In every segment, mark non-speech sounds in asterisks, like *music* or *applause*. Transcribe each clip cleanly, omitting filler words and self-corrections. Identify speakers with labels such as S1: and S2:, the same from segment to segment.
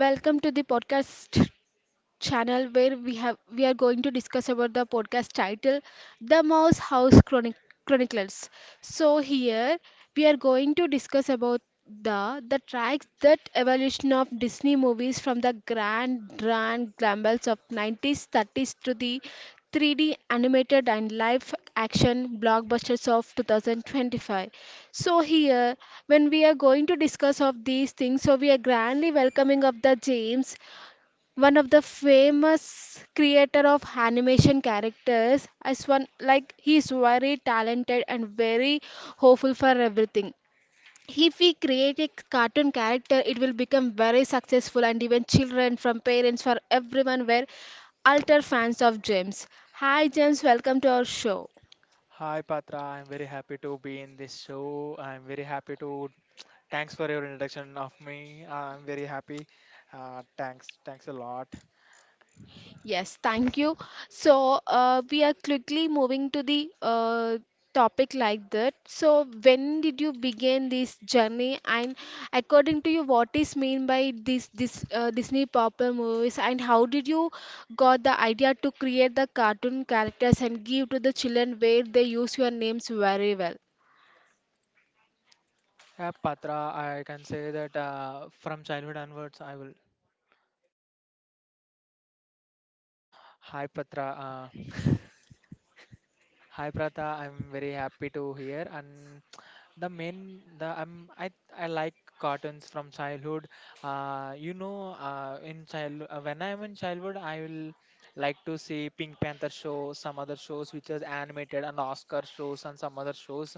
S1: welcome to the podcast channel where we are going to discuss about the podcast title The Mouse House Chronicles. So here we are going to discuss about the tracks that evolution of Disney movies from the grand glambles of '90s '30s to the 3D animated and live action blockbusters of 2025. So here, when we are going to discuss of these things, so we are grandly welcoming of the James, one of the famous creator of animation characters as one, like he is very talented and very hopeful for everything. If we create a cartoon character, it will become very successful and even children from parents, for everyone were alter fans of James. Hi James, welcome to our show.
S2: Hi Patra, I'm very happy to be in this show. I'm very happy to, thanks for your introduction of me. I'm very happy. Thanks a lot.
S1: Yes, thank you. So, we are quickly moving to the topic like that. So, when did you begin this journey? And according to you, what is mean by this Disney popular movies? And how did you got the idea to create the cartoon characters and give to the children where they use your names very well?
S2: Yeah, Patra, I can say that from childhood onwards, I will. Hi Patra, uh, Hi Pratha. I'm very happy to hear, and the main the I like cartoons from childhood. You know, in child When I'm in childhood, I will like to see Pink Panther show, some other shows which is animated, and Oscar shows and some other shows.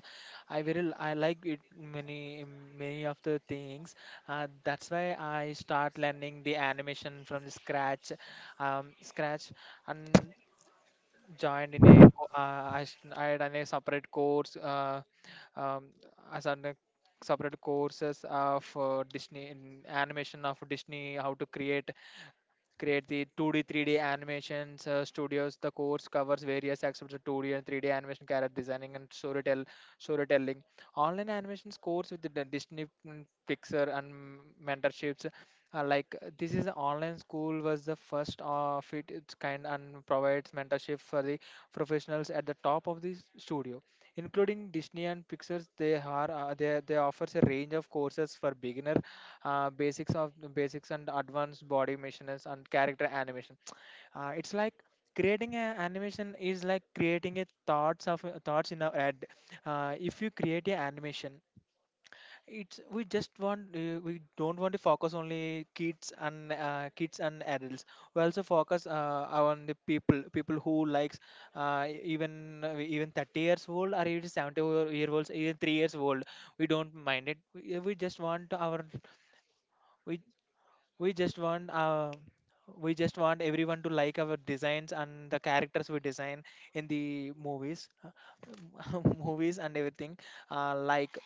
S2: I like it, many of the things. That's why I start learning the animation from the scratch, um, scratch, and joined in a co- I s- I done a separate course. Um, as on the separate courses of Disney, in animation of Disney, how to create the 2D, 3D animations, studios. The course covers various aspects of 2D and 3D animation, character designing, and storytelling. Online animations course with the Disney, Pixar, and mentorships. This is online school was the first of it, its kind, and provides mentorship for the professionals at the top of the studio, including Disney and Pixar's. They are they offers a range of courses for beginner, basics of basics and advanced body missions and character animation. It's like creating an animation is like creating a thoughts of thoughts in our head. If you create an animation, it's we just want, we don't want to focus only kids and kids and adults. We also focus on the people who likes, even 30 years old or even 70-year olds, even 3 years old. We don't mind it. We just want our, we we just want uh, we just want everyone to like our designs and the characters we design in the movies, *laughs* movies and everything. Like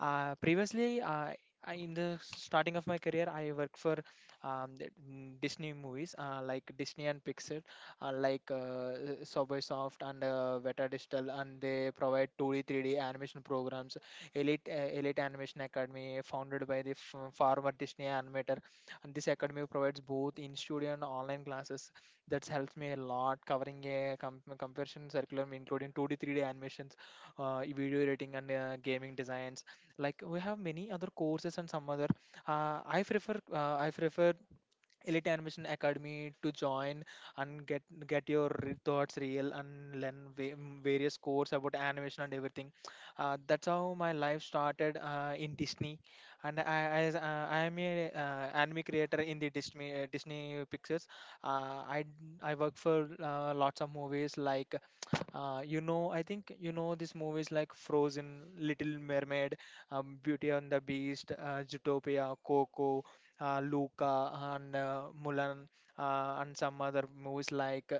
S2: previously I, in the starting of my career, I worked for Disney movies, like Disney and Pixar, Subway Soft and Beta Digital, and they provide 2D 3D animation programs. Elite, Elite Animation Academy, founded by the former Disney animator, and this academy provides both in-studio and online classes. That helps me a lot, covering a comparison curriculum including 2D, 3D animations, video editing, and gaming designs. Like, we have many other courses and some other. I prefer Elite Animation Academy to join and get your thoughts real and learn various courses about animation and everything. That's how my life started in Disney, and I am a anime creator in the Disney, Disney Pictures. Uh, I I work for lots of movies like, I think you know these movies like Frozen, Little Mermaid, Beauty and the Beast, Zootopia, Coco, Luca, and Mulan, and some other movies like,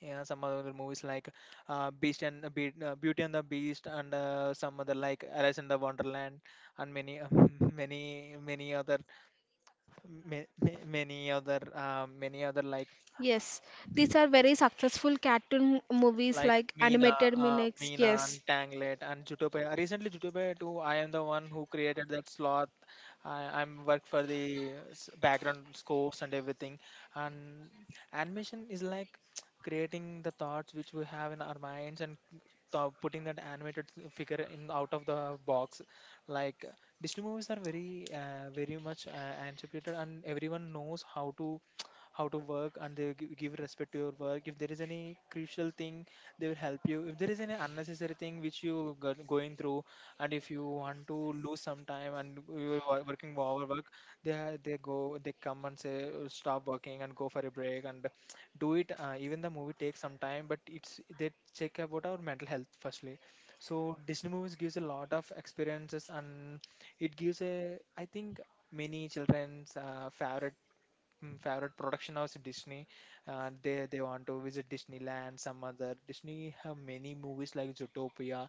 S2: yeah, some other movies like Beast, and Beauty and the Beast, and some other like Alice in the Wonderland, and many, *laughs* many, many other, many other, many other
S1: Yes, these are very successful cartoon movies
S2: like
S1: like
S2: Meena,
S1: animated mimics.
S2: Meena
S1: Yes,
S2: and Tanglet and Jutopia. Recently, Jutopia too. I am the one who created that slot. I'm work for the background scores and everything. And animation is like *tsk* creating the thoughts which we have in our minds and putting that animated figure in out of the box. Like, Disney movies are very, very much anticipated, and everyone knows how to work, and they give respect to your work. If there is any crucial thing, they will help you. If there is any unnecessary thing which you got going through, and if you want to lose some time and you're working overwork, they ha- they go they come and say, "Oh, stop working and go for a break, and do it, even the movie takes some time, but it's they check about our mental health firstly." So Disney movies gives a lot of experiences, and it gives a, I think, many children's favorite, favorite production house in Disney. They want to visit Disneyland. Some other Disney have many movies like Zootopia,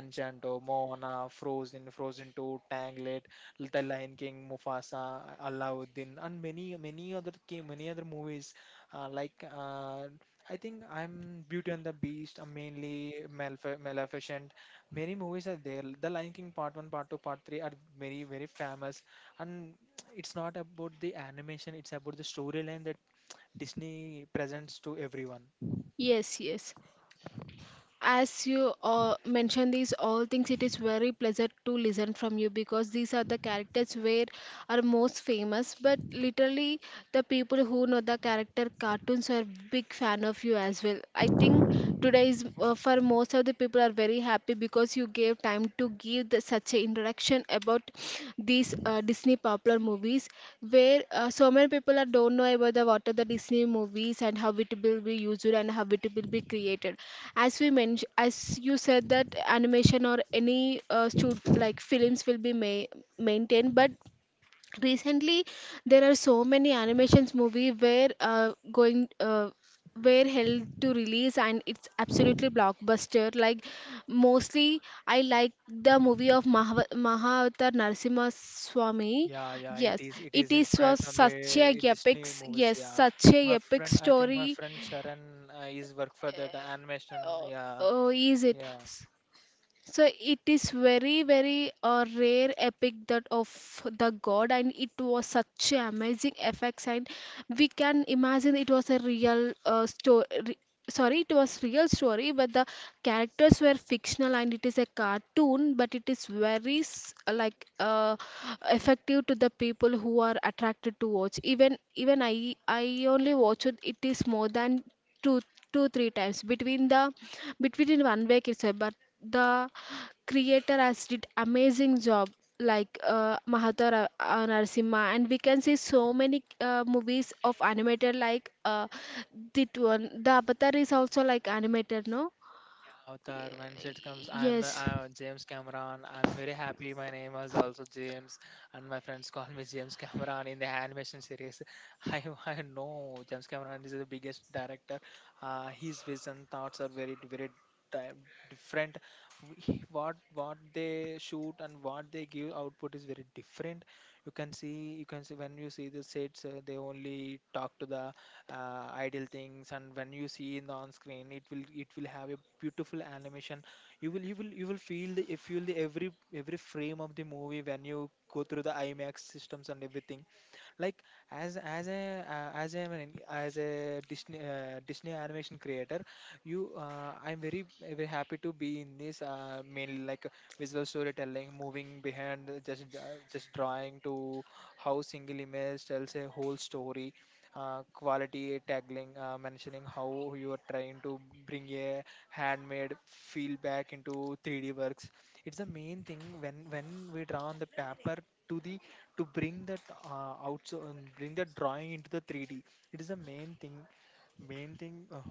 S2: Enchanto, Moana, Frozen, Frozen 2, Tangled, The Lion King, Mufasa, Alauddin, and many other, many other movies. Uh, like uh, I think I'm Beauty and the Beast, mainly Maleficent. Many movies are there. The Lion King Part One, Part Two, Part Three are very, very famous, and it's not about the animation, it's about the storyline that Disney presents to everyone.
S1: yes, yes. As you mentioned these all things, it is very pleasant to listen from you because these are the characters where are most famous. But literally, the people who know the character cartoons are big fan of you as well. I think today is for most of the people are very happy because you gave time to give the, such an introduction about these Disney popular movies, where so many people are, don't know about the what are the Disney movies and how it will be used and how it will be created. As we mentioned, as you said that animation or any like films will be maintained, but recently there are so many animations movie where going were held to release and it's absolutely blockbuster like mostly I like the movie of mahavatar Narasimha swami.
S2: Yeah, yeah,
S1: Yes,
S2: it
S1: it
S2: is
S1: is
S2: inspired
S1: was
S2: from
S1: such a
S2: the
S1: epic.
S2: Disney movies,
S1: Yes,
S2: yeah.
S1: such a
S2: my
S1: epic
S2: friend I think my
S1: story.
S2: friend Sharon, is work for that animation.
S1: uh,
S2: Yeah,
S1: oh, is it?
S2: yeah.
S1: So it is very very rare epic that of the god and it was such a amazing effects and we can imagine it was a real story. Sorry, it was real story but the characters were fictional and it is a cartoon but it is very like effective to the people who are attracted to watch. Even I only watched it, it is more than two two three times between the between one week itself. But the creator has did amazing job like Mahator Narasimha. And we can see so many movies of animated like that one. The Avatar is also like animated, no?
S2: Avatar, once it comes, I'm the,
S1: Yes,
S2: James Cameron. I'm very happy. My name is also James, and my friends *laughs* call me James Cameron in the animation series. *laughs* I know James Cameron is the biggest director. His vision thoughts are very, very di- different. What they shoot and what they give output is very different. You can see, when you see the sets, they only talk to the ideal things, and when you see in the on screen, it will have a beautiful animation. You will feel the, every frame of the movie when you go through the IMAX systems and everything. Like, as a Disney, Disney animation creator, you I'm very, very happy to be in this. Mainly like visual storytelling, moving behind just drawing to how single image tells a whole story, quality tagging, mentioning how you are trying to bring a handmade feel back into 3D works. It's the main thing, when we draw on the paper, to the to bring that out, and bring that drawing into the 3D. It is the main thing, main thing,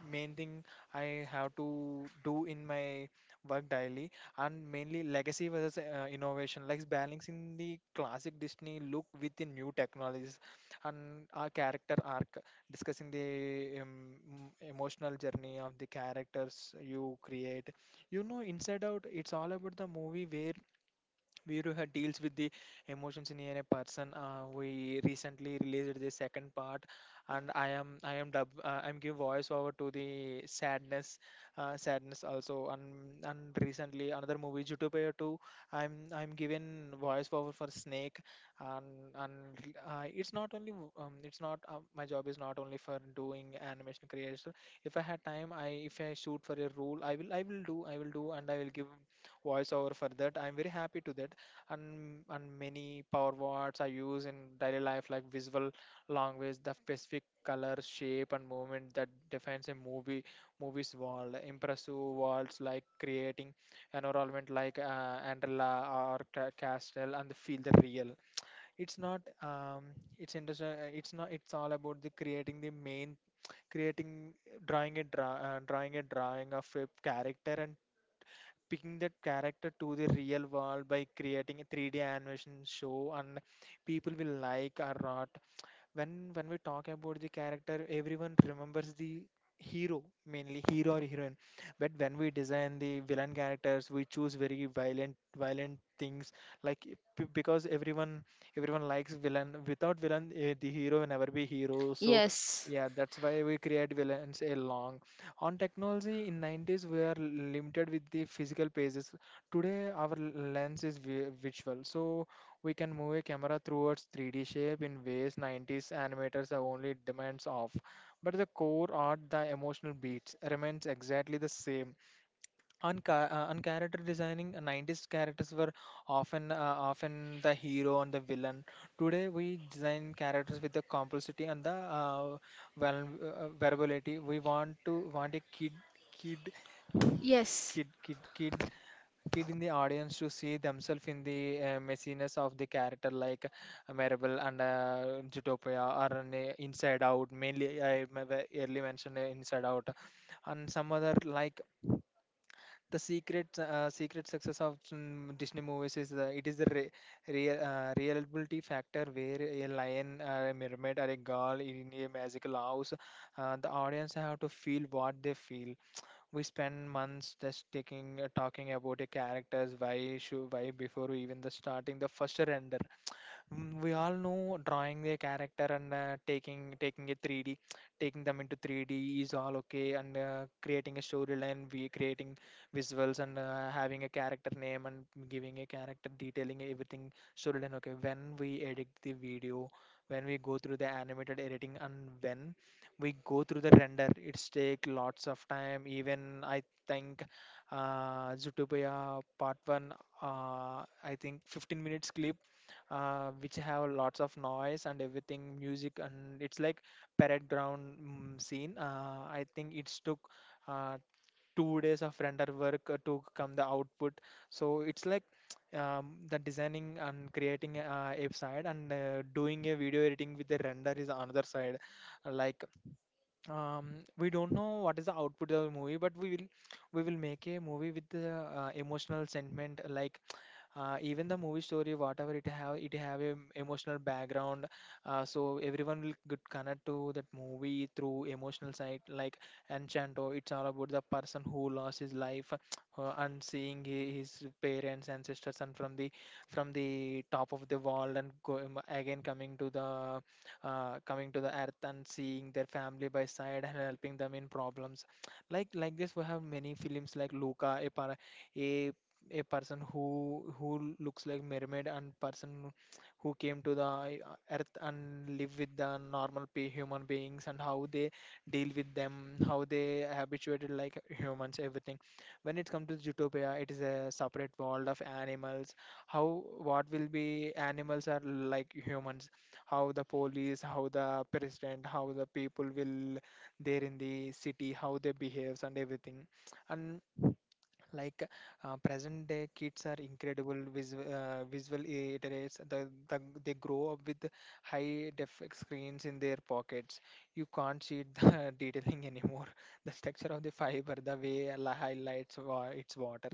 S2: main thing I have to do in my work daily, and mainly legacy versus innovation, like balancing the classic Disney look with the new technologies, and our character arc, discussing the emotional journey of the characters you create. You know Inside Out, it's all about the movie where we do have deals with the emotions in a person. We recently released the second part, and I'm give voice over to the sadness, sadness also. And recently another movie, Zootopia 2, I'm given voice over for snake. And It's not, my job is not only for doing animation creation. If I had time, I if I shoot for a role, I will do, and I will give voiceover for that. I'm very happy to that. And many power words are used in daily life, like visual language, the specific color, shape, and movement that defines a movie's world. Impressive worlds, like creating environment like Andrella or Castell, and feel the real. It's not it's interesting it's all about the creating the main creating drawing a drawing of a character, and picking that character to the real world by creating a 3D animation show, and people will like or not. When we talk about the character, everyone remembers the hero, mainly hero or heroine. But when we design the villain characters, we choose very violent, violent things, like, because everyone likes villain. Without villain, the hero will never be hero. So,
S1: yes,
S2: yeah, that's why we create villains along on technology. In 90s we are limited with the physical pages. Today, our lens is visual, so we can move a camera towards 3D shape in ways 90s animators are only demands of. But the core art, the emotional beats, remains exactly the same. On character designing, 90s characters were often, often the hero and the villain. Today, we design characters with the complexity and the variability. We want to want a kid,
S1: yes.
S2: kid, kid, kid kid in the audience to see themselves in the messiness of the character, like Marvel and Zootopia, or Inside Out. Mainly, early mentioned Inside Out and some other, like, the secret success of Disney movies is the it is the re- real reliability factor where a lion or a mermaid or a girl in a magical house, the audience have to feel what they feel. We spend months just taking talking about a characters, why before we even the starting the first render. We all know drawing their character, and taking taking a 3D taking them into 3D is all okay, and creating a storyline, we creating visuals, and having a character name and giving a character detailing everything, storyline, okay, when we edit the video, when we go through the animated editing, and when we go through the render, it's take lots of time. Even I think Zootopia part 1, uh, I think 15 minutes clip, which have lots of noise and everything, music, and it's like parade ground scene. I think it's took uh, 2 days of render work to come the output. So it's like, *tsk* the designing and creating a side, and doing a video editing with the render is another side. Like, we don't know what is the output of the movie, but we will make a movie with the emotional sentiment, like even the movie story, whatever it have, it have a emotional background. So everyone will get connect to that movie through emotional side, like enchanto. It's all about the person who lost his life, *tsk* and seeing his parents ancestors, and from the top of the world, and go, again coming to the, earth, and seeing their family by side and helping them in problems. *tsk* Like this, we have many films like luca, a, para, a a person who looks like mermaid, and person who came to the earth and live with the normal human beings, and how they deal with them, how they habituated like humans, everything. When it comes to zootopia, it is a separate world of animals, how what will be animals are like humans, how the police, how the president, how the people will there in the city, how they behaves and everything. And, like, present day kids are incredible visual iterates. They grow up with high def screens in their pockets. You can't see the *laughs* detailing anymore, the structure of the fiber, the way highlights its water.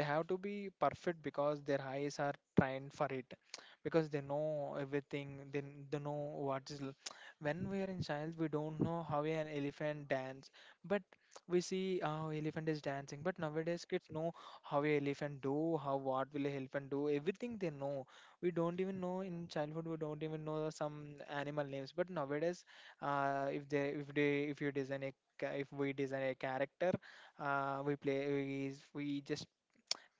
S2: It have to be perfect because their eyes are trained for it, because they know everything, they know what is l-. *tsk* when we are in child, we don't know how an elephant dance, but we see how elephant is dancing. But nowadays kids know how a elephant do, how what will a elephant do, everything they know. We don't even know in childhood, we don't even know the some animal names. But nowadays, if you design a if we design a character, we just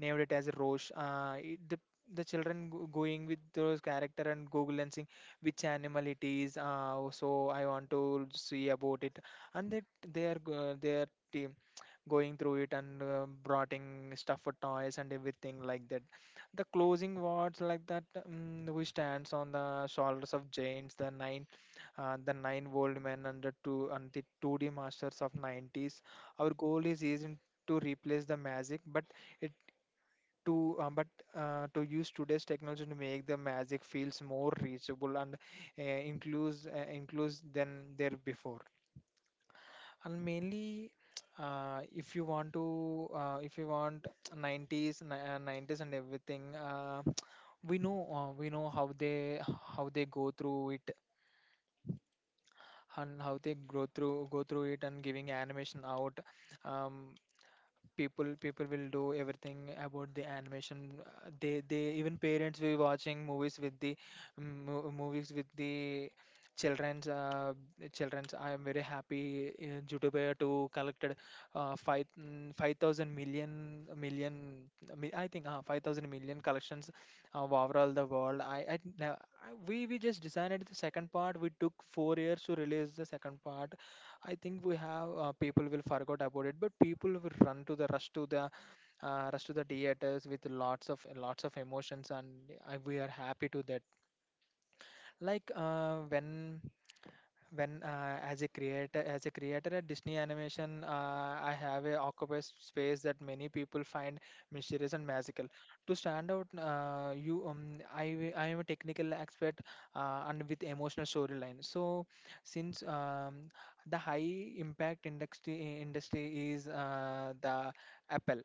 S2: named it as roche, the children going with those character, and google, and seeing which animal it is. So I want to see about it. And that they are they are team going through it, and brought in stuff for toys and everything like that. The closing words like that, who stands on the shoulders of giants, the nine world men, and the two and the 2D masters of 90s. Our goal is isn't to replace the magic, but, it to but to use today's technology to make the magic feels more reachable, and includes than there before. And mainly, *tsk* if you want *tsk* 90s, 90s and everything, *tsk* we know how they go through it, and how go through it, and giving animation out. Um, People will do everything about the animation. They even parents will be watching movies with the, movies with the children's uh, children's. I am very happy Zootopia 2 collected 5 5,000 million I think 5,000 million collections overall the world. I, we just designed the second part. We took 4 years to release the second part. I think, we have people will forget about it, but people will run to the rush to the theaters with lots of emotions, and, we are happy to that. Like, when as a creator at Disney animation, I have a occupied space that many people find mysterious and magical. To stand out, I am a technical expert, and with emotional storyline. So, since the high impact industry is the apple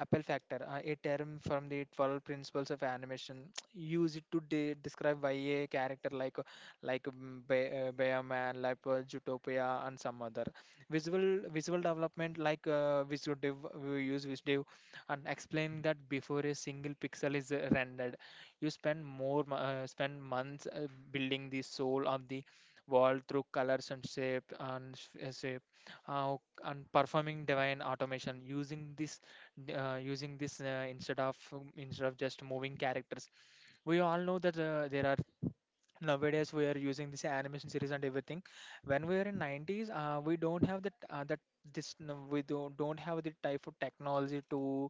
S2: Apple factor, a term from the 12 principles of animation, *tsk* use it to describe why a character like, Bayman, like Zootopia, and some other visual development, like visual div we use visual Div, and explain that before a single pixel is rendered, you spend spend months building the soul of the world through colors and shape, and shape, uh, and performing divine automation using this, instead of, just moving characters. We all know that, there are nowadays we are using this animation series and everything. When we are in 90s, we don't have that, that this no, we don't have the type of technology to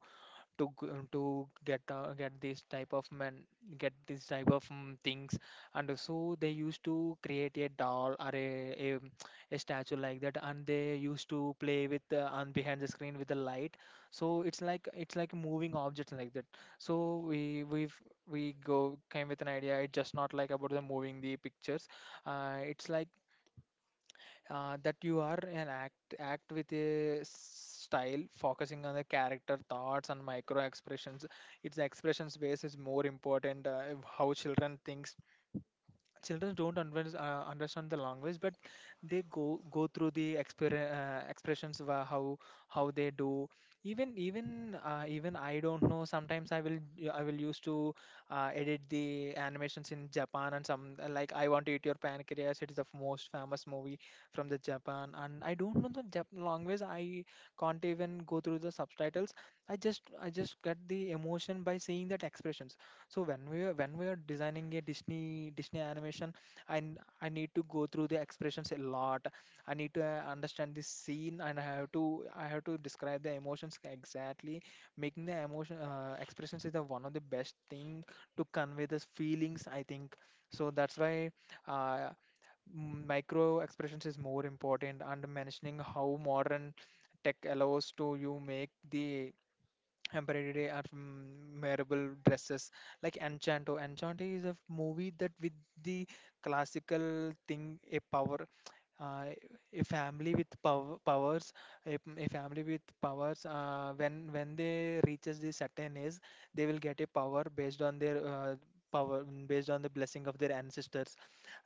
S2: to get this type of men get this type of mm, things. And so they used to create a doll, or a statue like that, and they used to play with and behind the screen with the light. So it's like, moving objects like that. So we we've we go came with an idea. It's just not like about the moving the pictures, it's like, that you are an act with a style, focusing on the character thoughts and micro expressions. Its expressions base is more important. How children thinks. Children don't under- understand the language, but they go through the expressions, how they do. Even I don't know, sometimes I will used to edit the animations in japan, and some, like I Want to Eat Your Pancreas. It is the most famous movie from the japan, and I don't know the japan language, I can't even go through the subtitles. I just get the emotion by seeing that expressions. So when we are designing a Disney animation, I need to go through the expressions a lot. I need to understand the scene, and I have to describe the emotions exactly. Making the emotion expressions is the one of the best thing to convey the feelings. I think so. That's why, uh, micro expressions is more important, and mentioning how modern tech allows to you make the Emperor Day are from memorable dresses, like Enchanto. Enchanto is a movie that, with the classical thing, a power, uh, a family with pow- powers, a family with powers when they reaches the certain age. They will get a power based on their, power based on the blessing of their ancestors.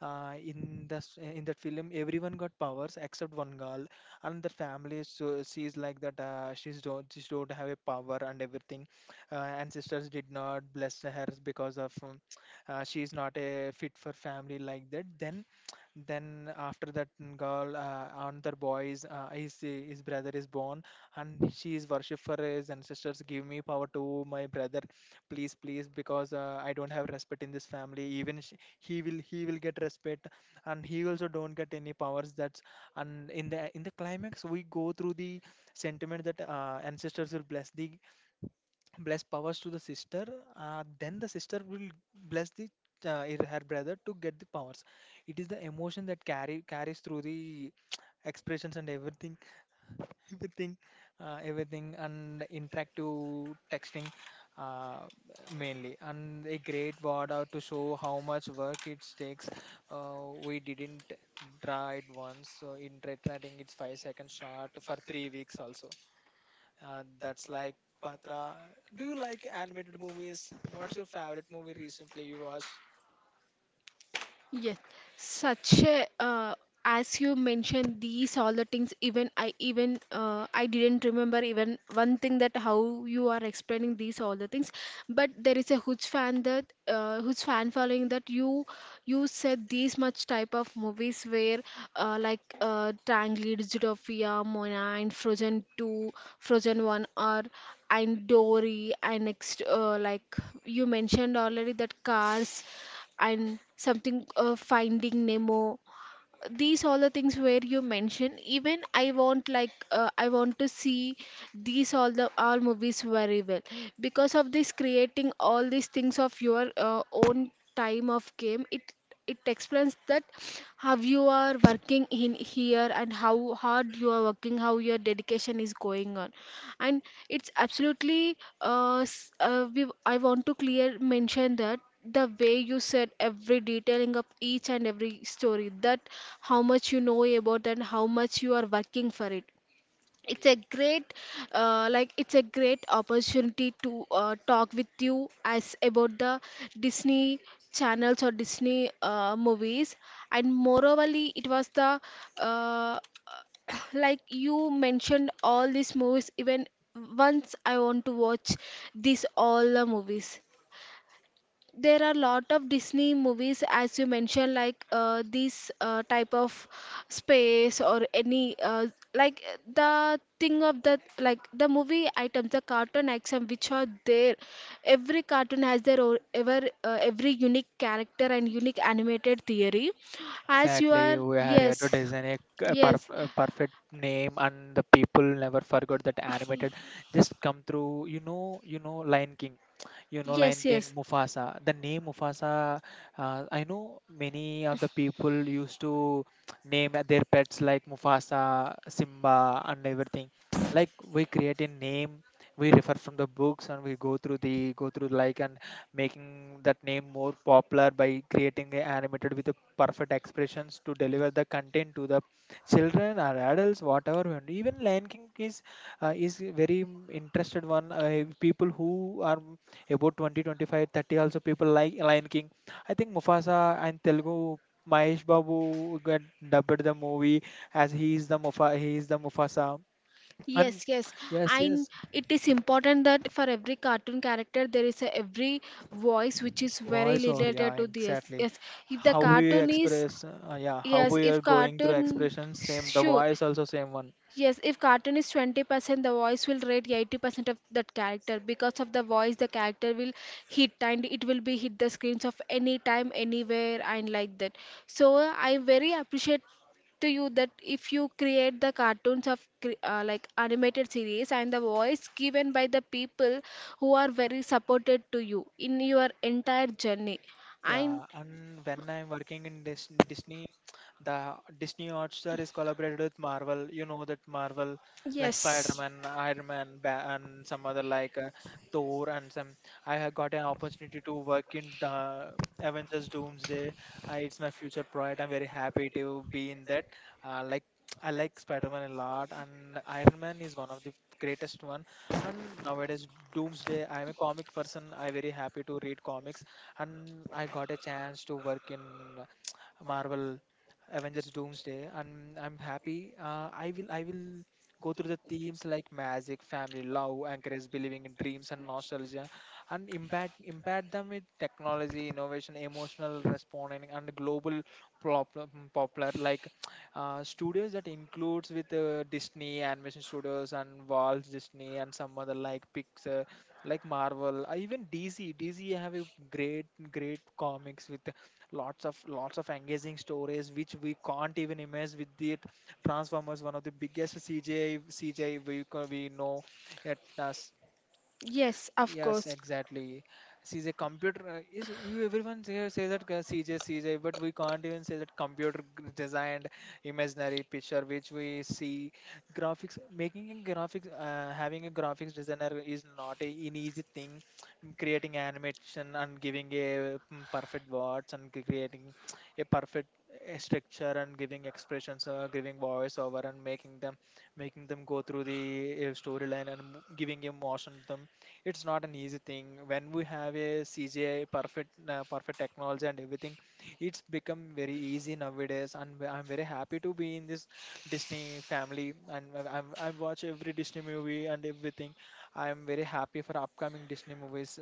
S2: In that film, everyone got powers except one girl and the family. So she's like that, she don't have a power and everything. Ancestors did not bless her because of, she is not a fit for family like that. Then after that, girl, another boys, his brother is born, and she is worship for his ancestors. Give me power to my brother, please, please, because, I don't have respect in this family. Even sh he will get respect, and he also don't get any powers. That's. And in the climax, we go through the sentiment that ancestors will bless the, bless powers to the sister. Then the sister will bless the, her brother to get the powers. It is the emotion that carry carries through the *tsk* expressions and everything, *laughs* everything, everything, and interactive texting, uh, mainly, and a great word out to show how much work it takes. We didn't draw it once, so in red writing it's 5 second shot for 3 weeks also. That's like Patra. Do you like animated movies? What's your favorite movie recently you watched?
S1: Yes, such a as you mentioned these all the things, even I, even I didn't remember even one thing that how you are explaining these all the things. But there is a huge fan that huge fan following that you said these much type of movies where like Tangled, Zootopia, Mona and Frozen 2, Frozen 1 or and Dory and next like you mentioned already that Cars and something Finding Nemo. These all the things where you mention. Even I want like I want to see these all the all movies very well because of this creating all these things of your own time of game. It explains that how you are working in here and how hard you are working, how your dedication is going on. And it's absolutely we I want to clear mention that the way you said every detailing of each and every story, that how much you know about and how much you are working for it, it's a great like it's a great opportunity to talk with you as about the Disney channels or Disney movies. And moreover, it was the uh, like you mentioned all these movies, even once I want to watch these all the movies. There are a lot of Disney movies, as you mentioned, like this type of space or any like the thing of the like the movie items, the cartoon action which are there. Every cartoon has their own, every unique character and unique animated theory. As you
S2: Exactly,
S1: are,
S2: we are here to
S1: yes,
S2: design a c- a perf
S1: yes.
S2: a perfect name, and the people never forgot that animated. Just come through, Lion King. You know Lion
S1: Yes,
S2: King,
S1: yes.
S2: Mufasa. The name Mufasa, I know many of the people used to name their pets like Mufasa, Simba, and everything. Like we create a name, we refer from the books, and we go through like and making that name more popular by creating a animated with the perfect expressions to deliver the content to the children or adults, whatever we want. Even Lion King is very interested one. People who are about 2025 30, also people like Lion King. I think Mufasa, and Telugu Mahesh Babu got dubbed the movie as he is the Mufasa. And
S1: Yes, yes.
S2: yes,
S1: And
S2: yes.
S1: it is important that for every cartoon character there is a every voice which is very
S2: Voice, or yeah,
S1: related to this.
S2: exactly.
S1: Yes. If the
S2: How we
S1: cartoon is,
S2: express, yeah, how
S1: yes,
S2: we
S1: if
S2: are going through
S1: cartoon,
S2: expression, same, the
S1: sure.
S2: voice also same one.
S1: Yes, if cartoon is 20%, the voice will rate 80% of that character. Because of the voice, the character will hit and it will be hit the screens of any time, anywhere, and like that. So I very appreciate to you that if you create the cartoons of like animated series and the voice given by the people who are very supported to you in your entire journey. And
S2: Yeah. And when I'm working in Disney, the Disney Hotstar is collaborated with Marvel. You know that Marvel, like
S1: yes.
S2: Spider-Man, Iron Man, and some other like Thor and some. I have got an opportunity to work in the Avengers Doomsday. It's my future project. I'm very happy to be in that. Like, I like Spider-Man a lot, and Iron Man is one of the greatest one. And nowadays, Doomsday. I'm a comic person. I very happy to read comics, and I got a chance to work in Marvel Avengers Doomsday, and I'm happy. I will go through the themes like magic, family, love, anchorage, believing in dreams, and nostalgia, and impact them with technology, innovation, emotional responding, and global problem popular like studios that includes with Disney animation studios and Walt Disney and some other like Pixar, like Marvel, even DC. DC have a great great comics with lots of engaging stories which we can't even imagine, with the transformers one of the biggest CGI we know at
S1: Yes, of
S2: Yes,
S1: course.
S2: exactly. CJ computer, is, you, everyone here says that CJ, but we can't even say that computer designed imaginary picture which we see. Graphics, making a graphics, having a graphics designer is not an easy thing. Creating animation and giving a perfect words and creating a perfect structure and giving expressions, giving voice over and making them go through the storyline and giving emotion to them, it's not an easy thing. When we have a CGI perfect technology and everything, it's become very easy nowadays, and I'm very happy to be in this Disney family, and I watch every Disney movie and everything. I'm very happy for upcoming Disney movies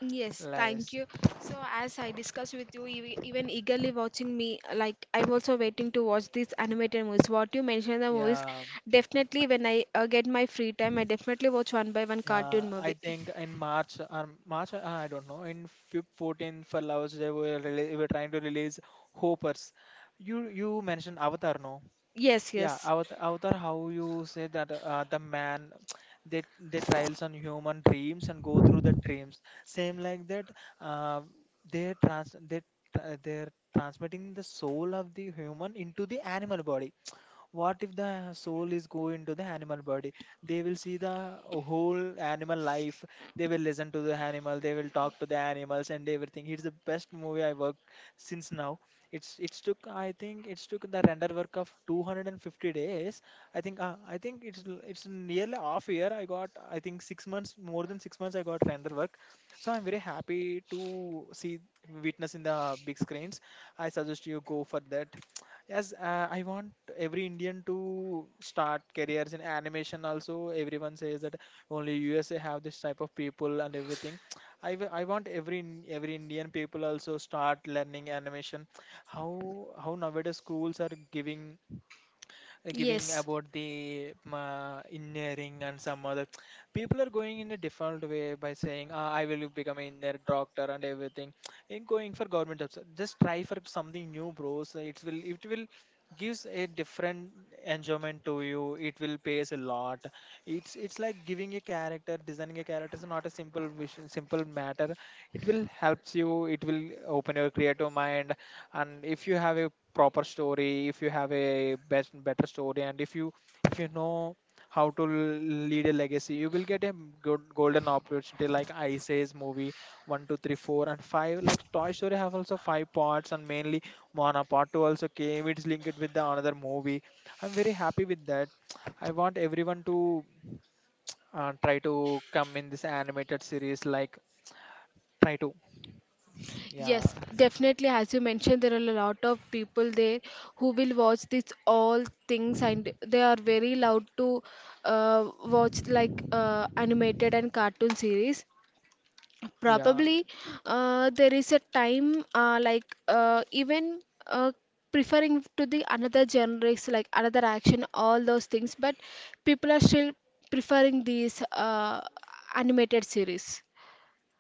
S1: Yes, thank
S2: less.
S1: you. So, as I discussed with you, even eagerly watching me, like I'm also waiting to watch these animated movies. What you mentioned, the movies,
S2: Yeah,
S1: definitely when I get my free time, I definitely watch one by one
S2: yeah,
S1: cartoon
S2: I
S1: movie.
S2: think in March, I don't know. In 14 for Lovers, they were trying to release Hoppers. You mentioned Avatar, no?
S1: Yes,
S2: Yeah,
S1: yes.
S2: outer, how you say that, the man. *tsk* They trials on human dreams and go through the dreams. Same like that, uh, they trans they they're transmitting the soul of the human into the animal body. What if the soul is go into the animal body? They will see the whole animal life. They will listen to the animal. They will talk to the animals and everything. It's the best movie I worked since now. It's took, I think it's took, the render work of 250 days. I think, it's it's nearly half year. I think 6 months, more than 6 months I got render work, so I'm very happy to see witness in the big screens. I suggest you go for that. Yes, I want every Indian to start careers in animation also. Everyone says that only USA have this type of people and everything. *tsk* I want every Indian people also start learning animation. How how nowadays schools are giving
S1: Yes.
S2: about the engineering and some other, people are going in a different way by saying, I will become an engineer, doctor, and everything, in going for government jobs. Just try for something new, bros. It will gives a different enjoyment to you. It will pays a lot. It's like giving a character, designing a character is not a simple vision, simple matter. It will helps you, it will open your creative mind. And if you have a proper story, if you have a best better story, and if you know how to lead a legacy, you will get a good golden opportunity. Like, I says movie 1, 2, 3, 4 and 5. Like Toy Story have also 5 parts, and mainly Moana part 2 also came. It's linked with the another movie. I'm very happy with that. I want everyone to try to come in this animated series, like try to.
S1: Yes,
S2: Yeah.
S1: definitely. As you mentioned, there are a lot of people there who will watch this all things, and they are very loud to watch like animated and cartoon series.
S2: Yeah,
S1: Probably there is a time like even uh, preferring to the another genres like another action all those things, but people are still preferring these animated series.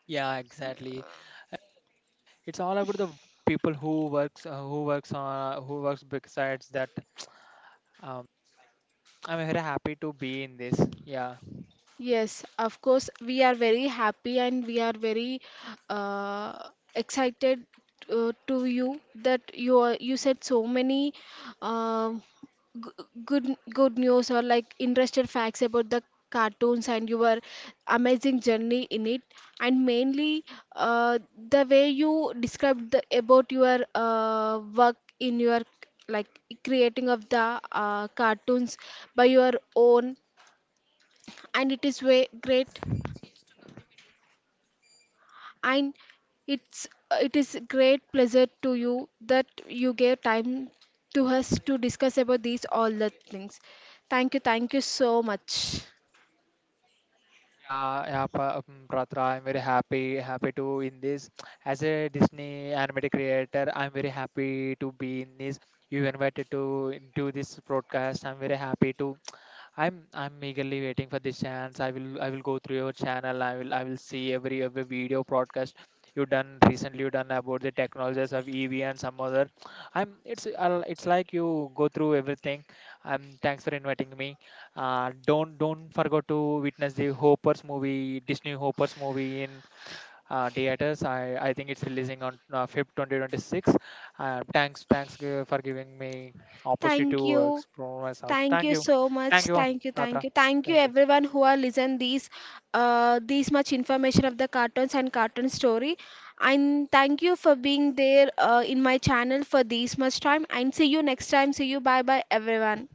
S2: yeah, exactly. It's all about the people who works on who works besides that. um, I'm very happy to be in this. Yeah.
S1: Yes, of course, we are very happy and we are very uh, excited to you that you are, you said so many uh, g- good good news or like interested facts about the cartoons and your amazing journey in it. And mainly uh, the way you described the, about your work in your like creating of the cartoons by your own, and it is way great. And it's it is great pleasure to you that you gave time to us to discuss about these all the things. Thank you so much.
S2: Yeah, yeah, Pratra, I'm very happy to in this. As a Disney animated creator, I'm very happy to be in this. You invited to do this broadcast. I'm very happy to. I'm eagerly waiting for this chance. I will go through your channel. I will see every video broadcast you done recently. You done about the technologies of EV and some other. It's like you go through everything. Thanks for inviting me. Don't forget to witness the Hoppers movie, Disney Hoppers movie in theaters. I think it's releasing on 5th, 2026. Thanks for giving me opportunity
S1: Thank
S2: to
S1: you.
S2: explore myself.
S1: Thank
S2: Thank
S1: you
S2: you.
S1: so much.
S2: Thank you,
S1: Thank you, thank
S2: Patra.
S1: you. Thank you
S2: Thank you.
S1: everyone who are listen these much information of the cartoons and cartoon story. And thank you for being there in my channel for this much time. And see you next time. See you. Bye bye everyone.